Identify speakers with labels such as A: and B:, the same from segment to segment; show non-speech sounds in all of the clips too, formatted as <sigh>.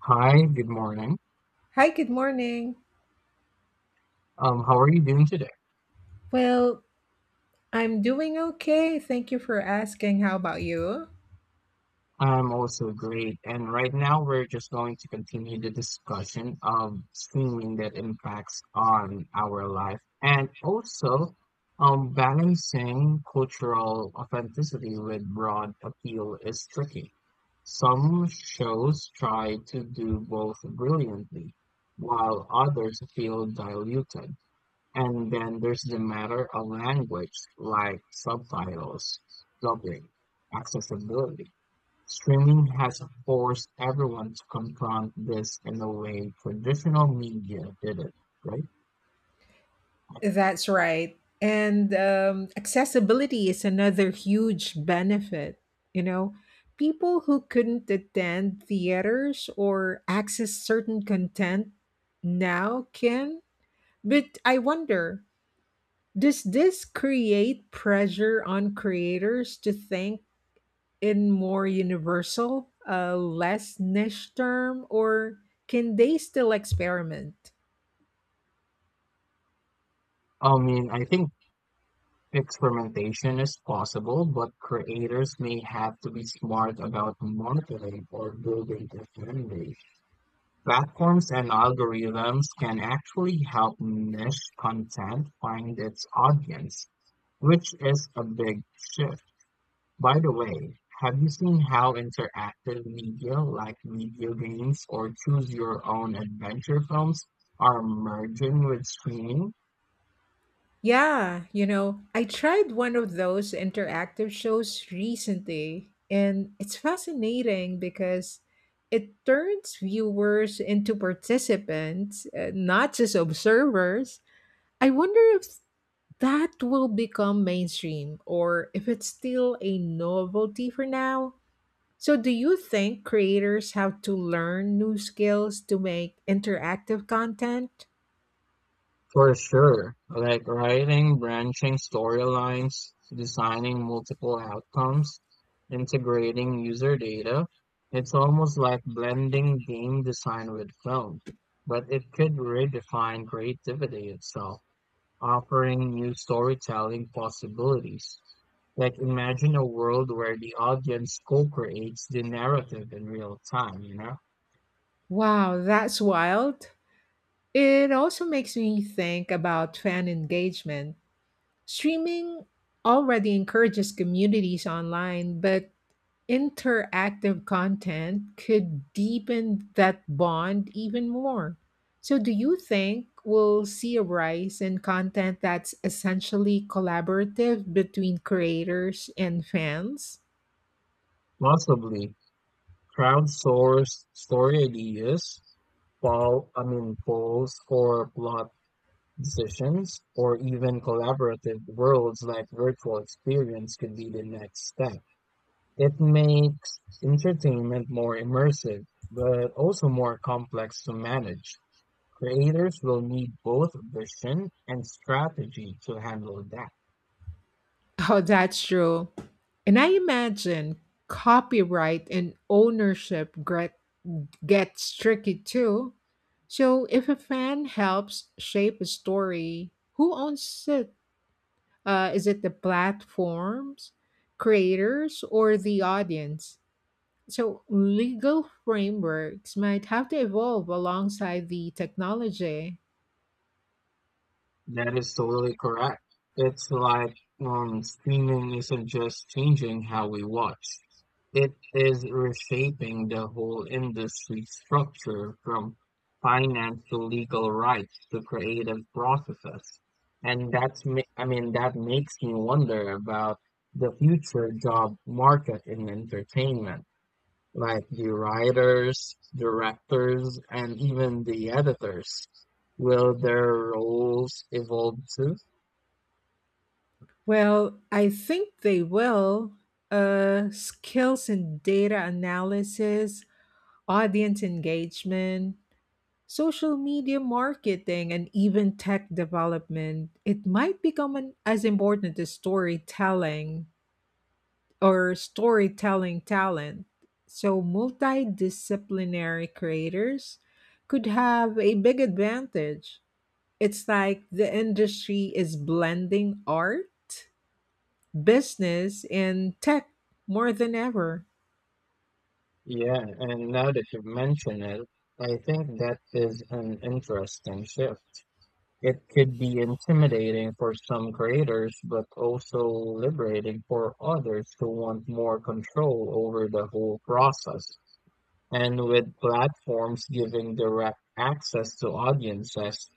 A: Hi, good morning.
B: Hi, good morning.
A: How are you doing today?
B: Well, I'm doing okay. Thank you for asking. How about you?
A: I'm also great. And right now we're just going to continue the discussion of streaming that impacts on our life and also balancing cultural authenticity with broad appeal is tricky. Some shows try to do both brilliantly, while others feel diluted. And then there's the matter of language like subtitles, dubbing, accessibility. Streaming has forced everyone to confront this in a way traditional media didn't, right?
B: That's right. And Accessibility is another huge benefit. You know, people who couldn't attend theaters or access certain content now can. But I wonder, does this create pressure on creators to think in more universal, less niche term, or can they still experiment?
A: I mean, I think experimentation is possible, but creators may have to be smart about monitoring or building their fan Platforms and algorithms can actually help niche content find its audience, which is a big shift. By the way, have you seen how interactive media like video games or choose your own adventure films are merging with streaming?
B: Yeah, you know, I tried one of those interactive shows recently, and it's fascinating because it turns viewers into participants, not just observers. I wonder if that will become mainstream or if it's still a novelty for now. So, do you think creators have to learn new skills to make interactive content?
A: For sure, like writing branching storylines, designing multiple outcomes, integrating user data, it's almost like blending game design with film, but it could redefine creativity itself, offering new storytelling possibilities. Like imagine a world where the audience co-creates the narrative in real time, you know?
B: Wow, that's wild. It also makes me think about fan engagement. Streaming already encourages communities online, but interactive content could deepen that bond even more. So, do you think we'll see a rise in content that's essentially collaborative between creators and fans? <laughs>
A: Possibly crowdsourced story ideas poll, I mean, polls for plot decisions, or even collaborative worlds like virtual experience could be the next step. It makes entertainment more immersive, but also more complex to manage. Creators will need both vision and strategy to handle that.
B: Oh, that's true. And I imagine copyright and ownership gets tricky too. So, if a fan helps shape a story, who owns it? Is it the platforms, creators, or the audience? So, legal frameworks might have to evolve alongside the technology.
A: That is totally correct. It's like streaming isn't just changing how we watch. It is reshaping the whole industry structure from finance to legal rights to creative processes. And that's, ma- I mean, that makes me wonder about the future job market in entertainment like the writers, directors, and even the editors. Will their roles evolve too?
B: Well, I think they will. Skills in data analysis, audience engagement, social media marketing, and even tech development. It might become an, as important as storytelling, or storytelling talent. So, multidisciplinary creators could have a big advantage. It's like the industry is blending art, business, and tech more than ever.
A: Yeah, and now that you've mentioned it, I think that is an interesting shift. It could be intimidating for some creators, but also liberating for others who want more control over the whole process. And with platforms giving direct access to audiences,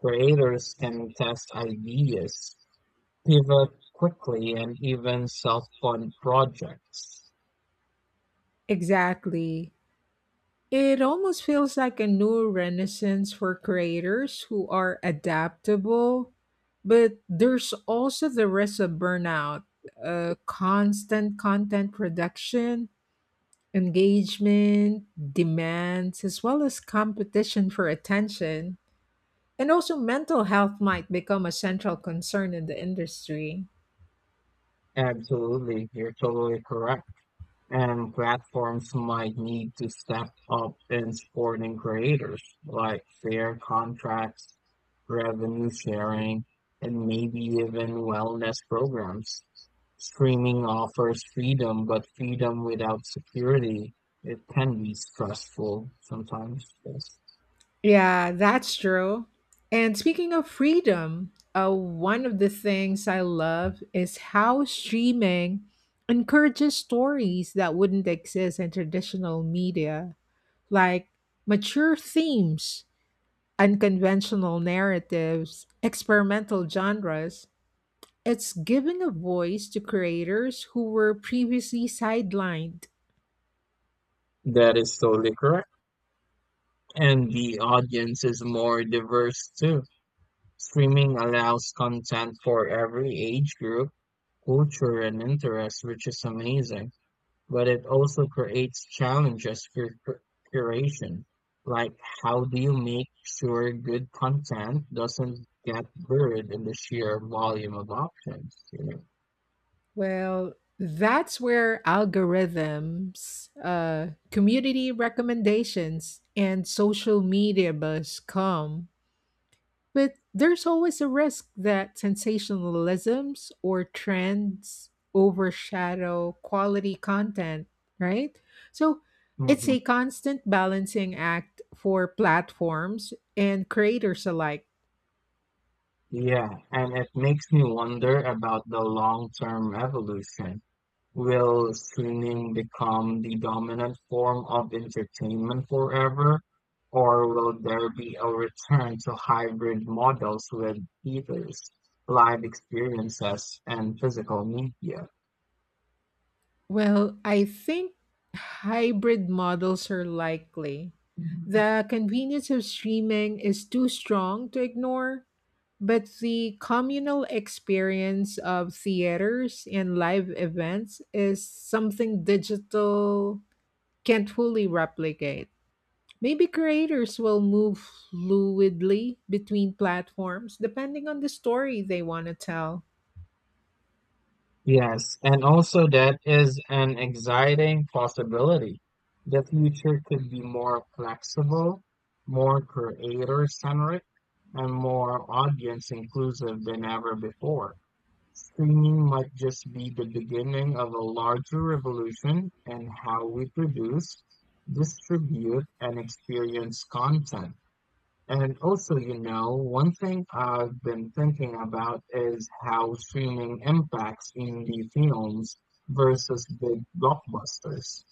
A: creators can test ideas, pivot quickly, and even self-fund projects.
B: Exactly. It almost feels like a new renaissance for creators who are adaptable, but there's also the risk of burnout, constant content production, engagement, demands, as well as competition for attention. And also, mental health might become a central concern in the industry.
A: Absolutely, you're totally correct. And platforms might need to step up in supporting creators, like fair contracts, revenue sharing, and maybe even wellness programs. Streaming offers freedom, but freedom without security, it can be stressful sometimes. Yes.
B: Yeah, that's true. And speaking of freedom, one of the things I love is how streaming encourages stories that wouldn't exist in traditional media, like mature themes, unconventional narratives, experimental genres. It's giving a voice to creators who were previously sidelined.
A: That is totally correct. And the audience is more diverse too. Streaming allows content for every age group culture and interest, which is amazing, but it also creates challenges for curation. Like, how do you make sure good content doesn't get buried in the sheer volume of options, you know?
B: Well, that's where algorithms, community recommendations, and social media buzz come. But there's always a risk that sensationalisms or trends overshadow quality content, right? So it's a
A: Hmm.
B: constant balancing act for platforms and creators alike.
A: Yeah, and it makes me wonder about the long-term evolution. Will streaming become the dominant form of entertainment forever, or will there be a return to hybrid models with theaters, live experiences, and physical media?
B: Well, I think hybrid models are likely. The convenience of streaming is too strong to ignore, but the communal experience of theaters and live events is something digital can't fully replicate. Maybe creators will move fluidly between platforms depending on the story they want to tell.
A: Yes, and also that is an exciting possibility. The future could be more flexible, more creator-centric, and more audience-inclusive than ever before. Streaming might just be the beginning of a larger revolution in how we produce, distribute, and experience content. And also, you know, one thing I've been thinking about is how streaming impacts indie films versus big blockbusters.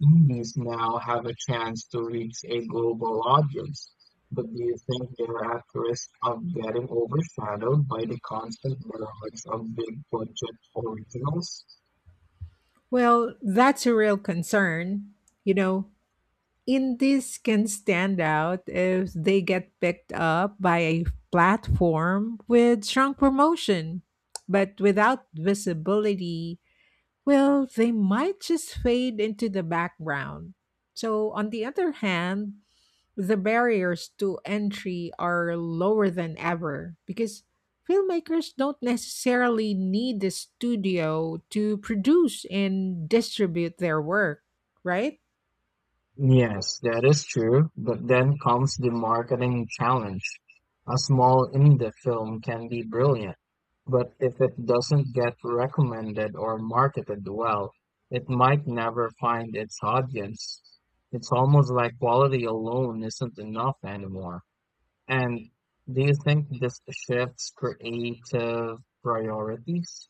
A: Movies now have a chance to reach a global audience, but do you think they're at risk of getting overshadowed by the constant barrage of big-budget originals?
B: Well, that's a real concern. You know, indies can stand out if they get picked up by a platform with strong promotion. But without visibility, well, they might just fade into the background. So, on the other hand, the barriers to entry are lower than ever because filmmakers don't necessarily need the studio to produce and distribute their work, right?
A: Yes, that is true, but then comes the marketing challenge. A small indie film can be brilliant, but if it doesn't get recommended or marketed well, it might never find its audience. It's almost like quality alone isn't enough anymore. And do you think this shifts creative priorities?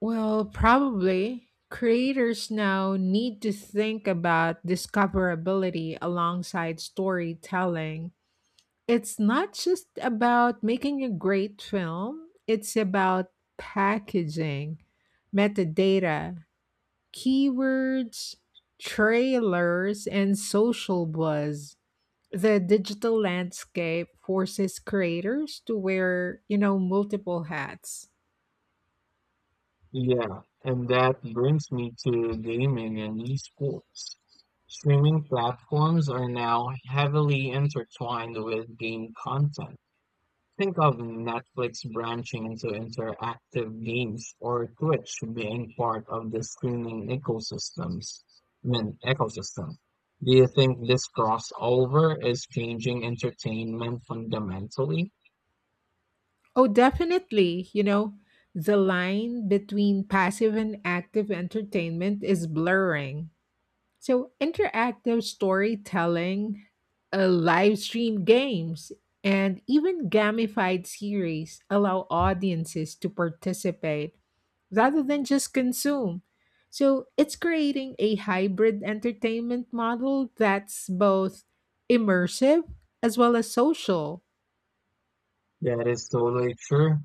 B: Well, probably. Creators now need to think about discoverability alongside storytelling. It's not just about making a great film, it's about packaging, metadata, keywords, trailers, and social buzz. The digital landscape forces creators to wear, you know, multiple hats.
A: Yeah, and that brings me to gaming and esports. Streaming platforms are now heavily intertwined with game content. Think of Netflix branching into interactive games or Twitch being part of the streaming ecosystem. Do you think this crossover is changing entertainment fundamentally?
B: Oh, definitely. You know, the line between passive and active entertainment is blurring. So, interactive storytelling, live stream games, and even gamified series allow audiences to participate rather than just consume. So, it's creating a hybrid entertainment model that's both immersive as well as social.
A: That is totally true.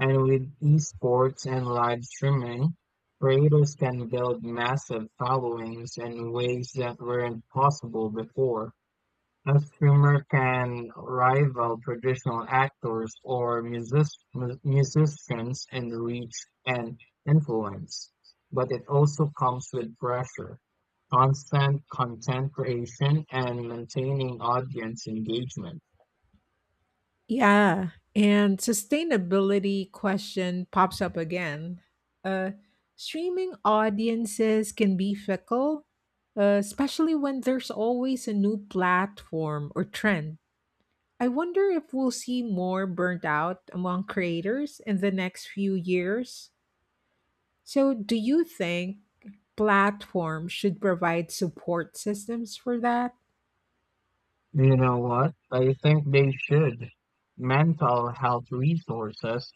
A: And with esports and live streaming, creators can build massive followings in ways that weren't possible before. A streamer can rival traditional actors or musicians in reach and influence, but it also comes with pressure, constant content creation, and maintaining audience engagement.
B: Yeah, and sustainability question pops up again. Uh, streaming audiences can be fickle, especially when there's always a new platform or trend. I wonder if we'll see more burnt out among creators in the next few years. So, do you think platforms should provide support systems for that?
A: You know what? I think they should. Mental health resources,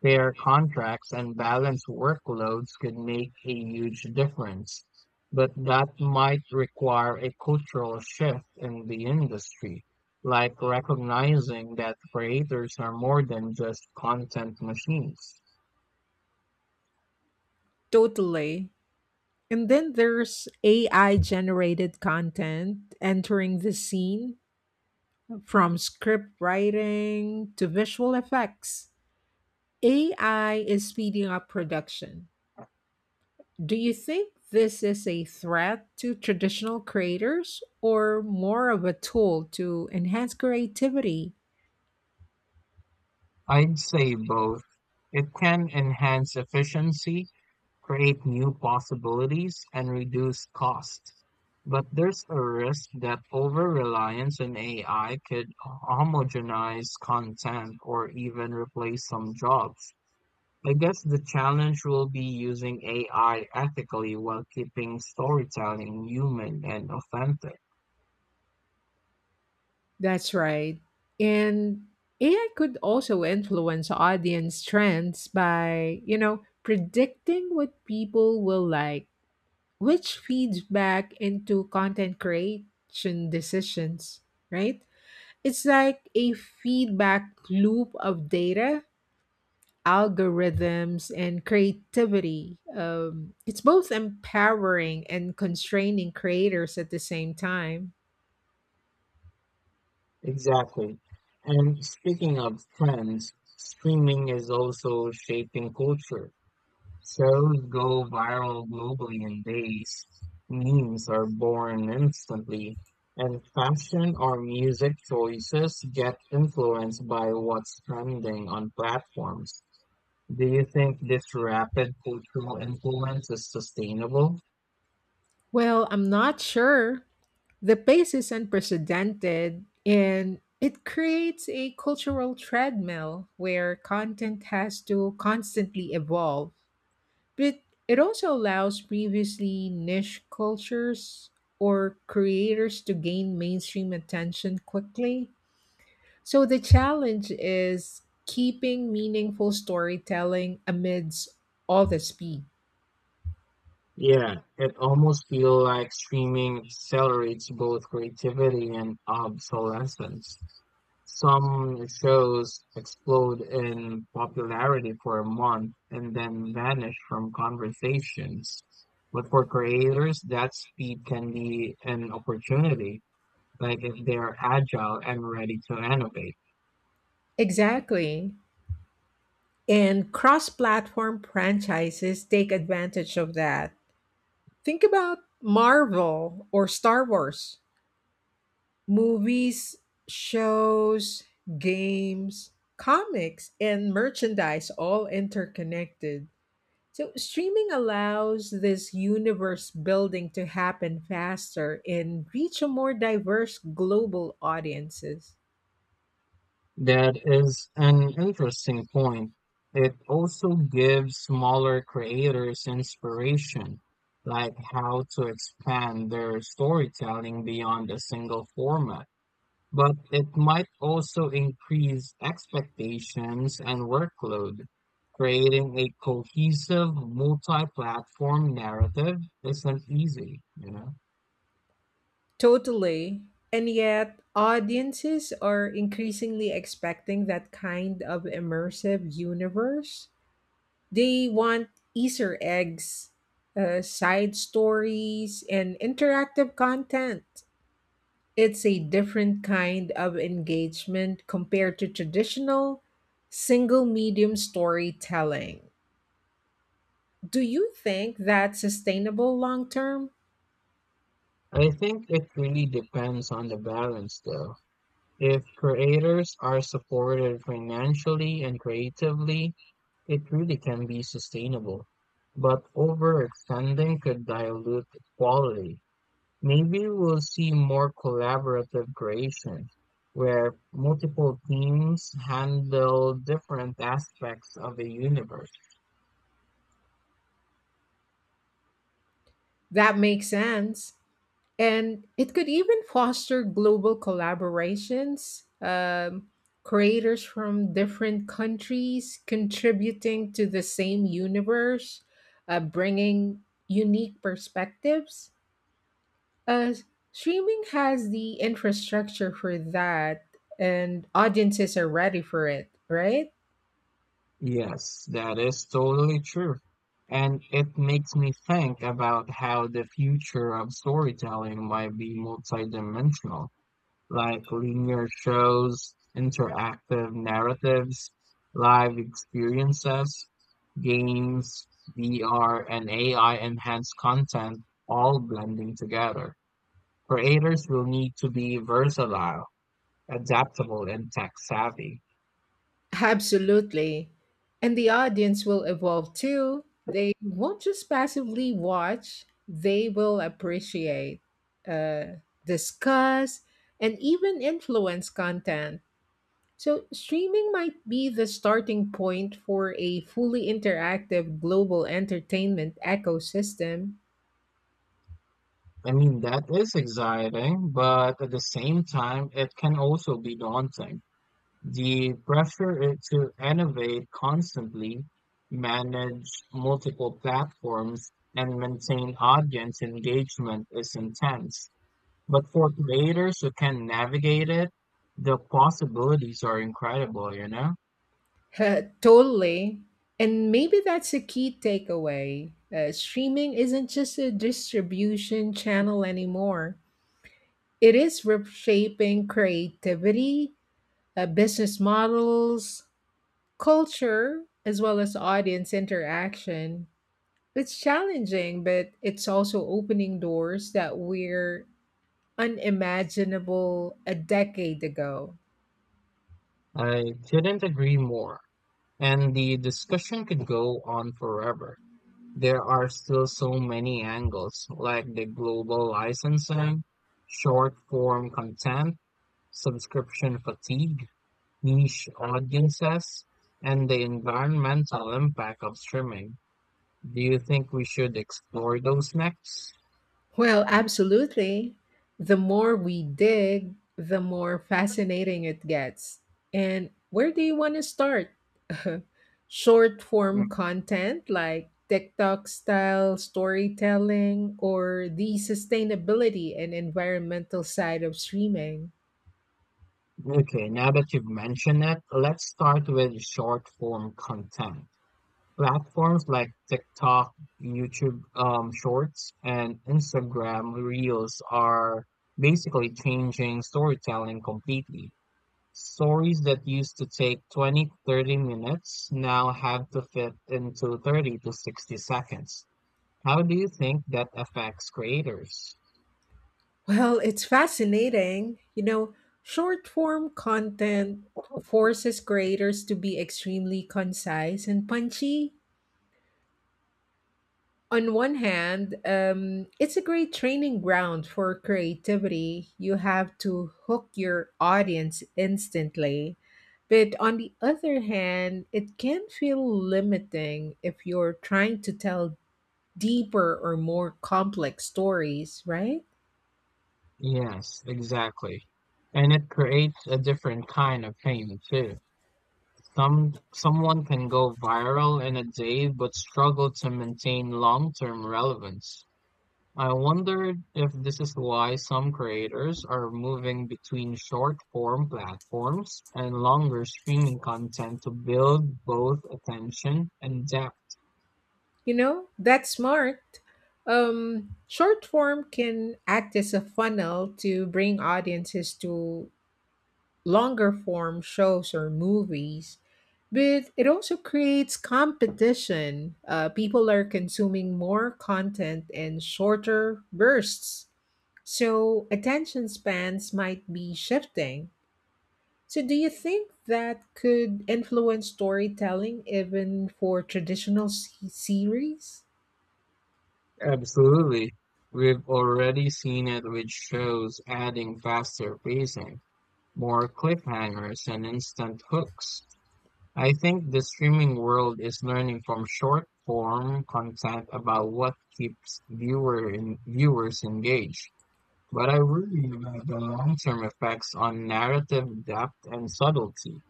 A: fair contracts, and balanced workloads could make a huge difference. But that might require a cultural shift in the industry, like recognizing that creators are more than just content machines.
B: Totally. And then there's AI generated content entering the scene from script writing to visual effects. AI is speeding up production. Do you think this is a threat to traditional creators or more of a tool to enhance creativity?
A: I'd say both. It can enhance efficiency create new possibilities, and reduce cost. But there's a risk that over-reliance on AI could homogenize content or even replace some jobs. I guess the challenge will be using AI ethically while keeping storytelling human and authentic.
B: That's right. And AI could also influence audience trends by, you know, predicting what people will like, which feeds back into content creation decisions, right? It's like a feedback loop of data, algorithms, and creativity. It's both empowering and constraining creators at the same time.
A: Exactly. And speaking of trends, streaming is also shaping culture. Shows go viral globally in days. Memes are born instantly, and fashion or music choices get influenced by what's trending on platforms. Do you think this rapid cultural influence is sustainable?
B: Well, I'm not sure. The pace is unprecedented and it creates a cultural treadmill where content has to constantly evolve. But it also allows previously niche cultures or creators to gain mainstream attention quickly. So the challenge is keeping meaningful storytelling amidst all the speed.
A: Yeah, it almost feels like streaming accelerates both creativity and obsolescence. Some shows explode in popularity for a month and then vanish from conversations. But for creators, that speed can be an opportunity, like if they're agile and ready to innovate.
B: Exactly. And cross platform franchises take advantage of that. Think about Marvel or Star Wars. Movies, shows, games, comics, and merchandise all interconnected. So, streaming allows this universe building to happen faster and reach a more diverse global audiences.
A: That is an interesting point. It also gives smaller creators inspiration, like how to expand their storytelling beyond a single format. But it might also increase expectations and workload. Creating a cohesive multi-platform narrative isn't easy, you know?
B: Totally. And yet, audiences are increasingly expecting that kind of immersive universe. They want Easter eggs, side stories, and interactive content. It's a different kind of engagement compared to traditional single medium storytelling. Do you think that's sustainable long term?
A: I think it really depends on the balance though. If creators are supported financially and creatively, it really can be sustainable. But overextending could dilute quality. Maybe we'll see more collaborative creation, where multiple teams handle different aspects of the universe.
B: That makes sense. And it could even foster global collaborations, creators from different countries contributing to the same universe, bringing unique perspectives. Uh, streaming has the infrastructure for that, and audiences are ready for it, right?
A: Yes, that is totally true. And it makes me think about how the future of storytelling might be multidimensional. Like linear shows, interactive narratives, live experiences, games, VR, and AI enhanced content all blending together. Creators will need to be versatile, adaptable, and tech savvy.
B: Absolutely. And the audience will evolve too. They won't just passively watch, they will appreciate, uh, discuss, and even influence content. So, streaming might be the starting point for a fully interactive global entertainment ecosystem. <laughs>
A: I mean, that is exciting, but at the same time, it can also be daunting. The pressure is to innovate constantly, manage multiple platforms, and maintain audience engagement is intense. But for creators who can navigate it, the possibilities are incredible, you know?
B: Totally. And maybe that's a key takeaway. Streaming isn't just a distribution channel anymore. It is reshaping creativity, business models, culture, as well as audience interaction. It's challenging, but it's also opening doors that were unimaginable a decade ago.
A: I couldn't agree more. And the discussion could go on forever. There are still so many angles, like the global licensing, short form content, subscription fatigue, niche audiences and the environmental impact of streaming. Do you think we should explore those next?
B: Well, absolutely. The more we dig, the more fascinating it gets. And where do you want to start? <laughs> Short form
A: Mm.
B: content like TikTok style storytelling or the sustainability and environmental side of streaming?
A: Okay, now that you've mentioned it, let's start with short form content. Platforms like TikTok, YouTube Shorts, and Instagram Reels are basically changing storytelling completely. Stories that used to take 20 to 30 minutes now have to fit into 30 to 60 seconds. How do you think that affects creators?
B: Well, it's fascinating. You know, short form content forces creators to be extremely concise and punchy. On one hand, it's a great training ground for creativity. You have to hook your audience instantly. But on the other hand, it can feel limiting if you're trying to tell deeper or more complex stories, right?
A: Yes, exactly. And it creates a different kind of fame too. Someone can go viral in a day but struggle to maintain long-term relevance. I wonder if this is why some creators are moving between short-form platforms and longer streaming content to build both attention and depth.
B: You know, that's smart. Short form can act as a funnel to bring audiences to longer form shows or movies, but it also creates competition. People are consuming more content in shorter bursts, so attention spans might be shifting. So, do you think that could influence storytelling even for traditional series?
A: Absolutely. We've already seen it with shows adding faster pacing, more cliffhangers, and instant hooks. I think the streaming world is learning from short-form content about what keeps viewers engaged. But I worry about the long-term effects on narrative depth and subtlety.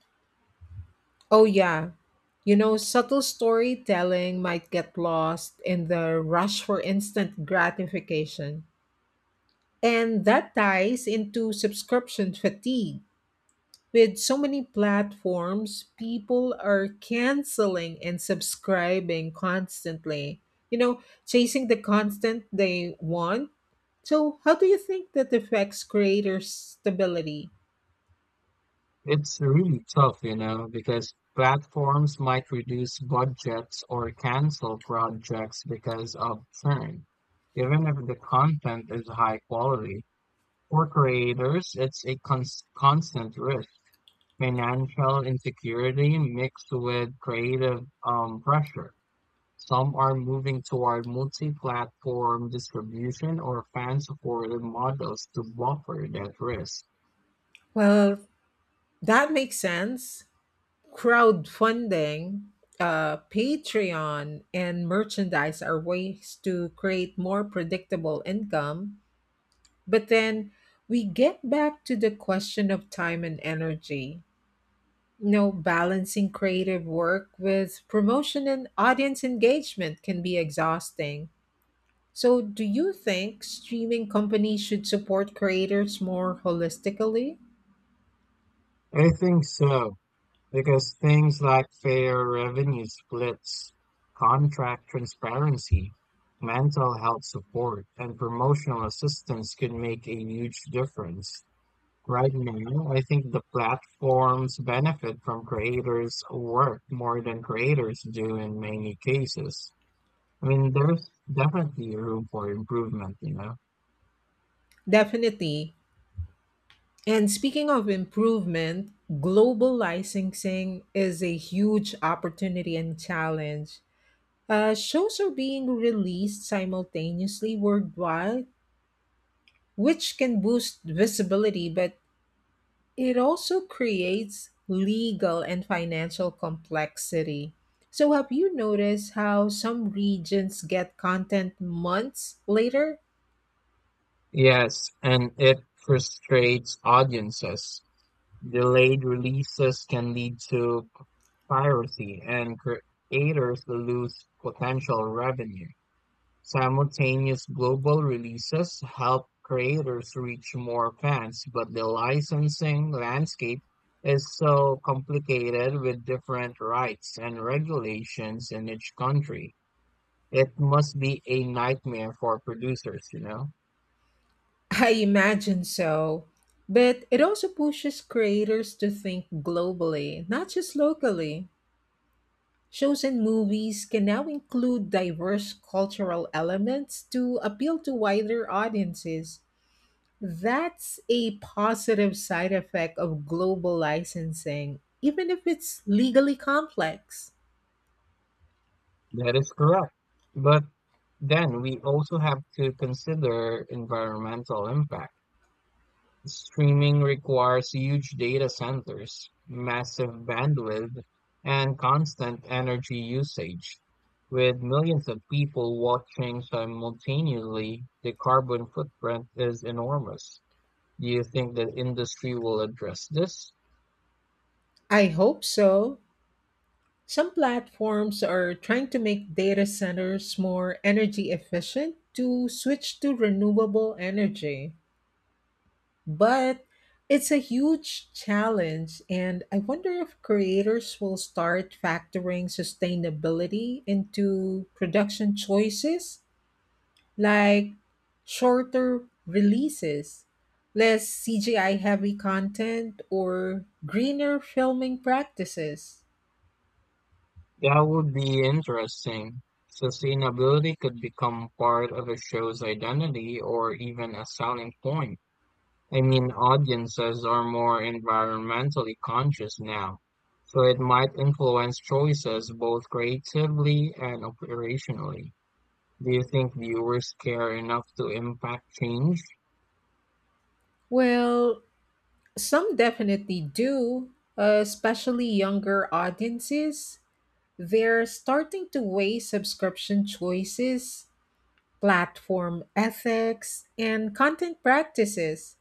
B: Oh, yeah. You know, subtle storytelling might get lost in the rush for instant gratification. And that ties into subscription fatigue. With so many platforms, people are canceling and subscribing constantly, you know, chasing the content they want. So, how do you think that affects creator stability?
A: It's really tough, you know, because platforms might reduce budgets or cancel projects because of churn, even if the content is high quality. For creators, it's a constant risk. Financial insecurity mixed with creative pressure. Some are moving toward multi-platform distribution or fan-supported models to buffer that risk.
B: Well, that makes sense. Crowdfunding, Patreon, and merchandise are ways to create more predictable income. But then we get back to the question of time and energy. You know, balancing creative work with promotion and audience engagement can be exhausting. So, do you think streaming companies should support creators more holistically?
A: I think so, because things like fair revenue splits, contract transparency, mental health support, and promotional assistance can make a huge difference. Right now, I think the platforms benefit from creators' work more than creators do in many cases. I mean, there's definitely room for improvement, you know?
B: Definitely. And speaking of improvement, global licensing is a huge opportunity and challenge. Shows are being released simultaneously worldwide, which can boost visibility, but it also creates legal and financial complexity. So, have you noticed how some regions get content months later?
A: Yes, and it frustrates audiences. Delayed releases can lead to piracy, and creators lose potential revenue. Simultaneous global releases help creators reach more fans, but the licensing landscape is so complicated with different rights and regulations in each country. It must be a nightmare for producers, you know?
B: I imagine so. But it also pushes creators to think globally, not just locally. Shows and movies can now include diverse cultural elements to appeal to wider audiences. That's a positive side effect of global licensing, even if it's legally complex.
A: That is correct. But then we also have to consider environmental impact. Streaming requires huge data centers, massive bandwidth, and constant energy usage. With millions of people watching simultaneously, the carbon footprint is enormous. Do you think the industry will address this?
B: I hope so. Some platforms are trying to make data centers more energy efficient to switch to renewable energy. But it's a huge challenge, and I wonder if creators will start factoring sustainability into production choices like shorter releases, less CGI heavy content, or greener filming practices.
A: That would be interesting. Sustainability could become part of a show's identity or even a selling point. I mean, audiences are more environmentally conscious now, so it might influence choices both creatively and operationally. Do you think viewers care enough to impact change?
B: Well, some definitely do, especially younger audiences. They're starting to weigh subscription choices, platform ethics, and content practices.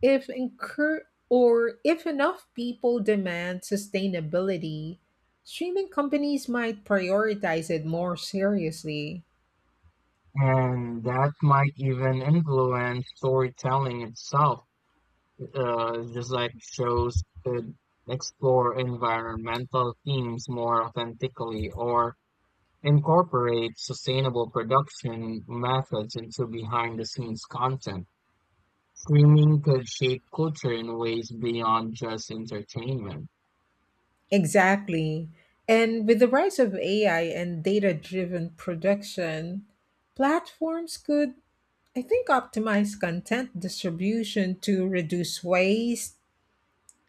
B: If incur or if enough people demand sustainability, streaming companies might prioritize it more seriously.
A: And that might even influence storytelling itself. Just like shows could explore environmental themes more authentically or incorporate sustainable production methods into behind the scenes content. Streaming could shape culture in ways beyond just entertainment.
B: Exactly. And with the rise of AI and data driven production, platforms could I think optimize content distribution to reduce waste,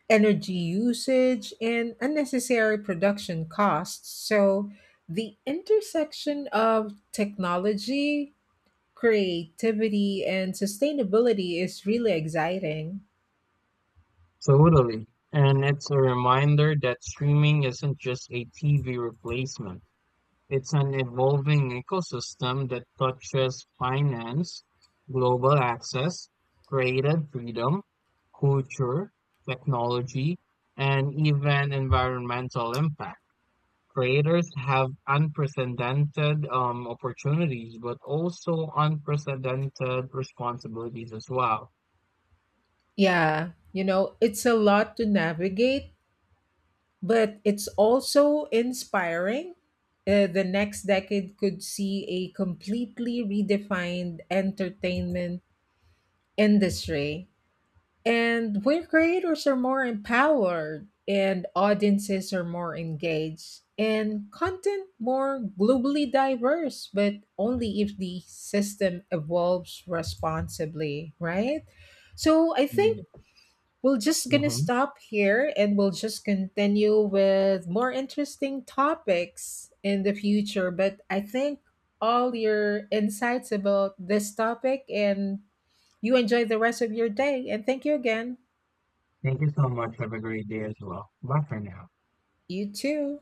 B: energy usage, and unnecessary production costs. So, the intersection of technology, creativity, and sustainability is really exciting.
A: Totally. And it's a reminder that streaming isn't just a TV replacement. It's an evolving ecosystem that touches finance, global access, creative freedom, culture, technology, and even environmental impact. Creators have unprecedented opportunities, but also unprecedented responsibilities as well.
B: Yeah, you know, it's a lot to navigate, but it's also inspiring. The next decade could see a completely redefined entertainment industry, and where creators are more empowered and audiences are more engaged and content more globally diverse, but only if the system evolves responsibly, right? So I think we'll just gonna
A: Mhm.
B: stop here and we'll just continue with more interesting topics in the future, but I think all your insights about this topic, and you enjoy the rest of your day and thank you again.
A: Thank you so much. Have a great day as well. Bye for now.
B: You too.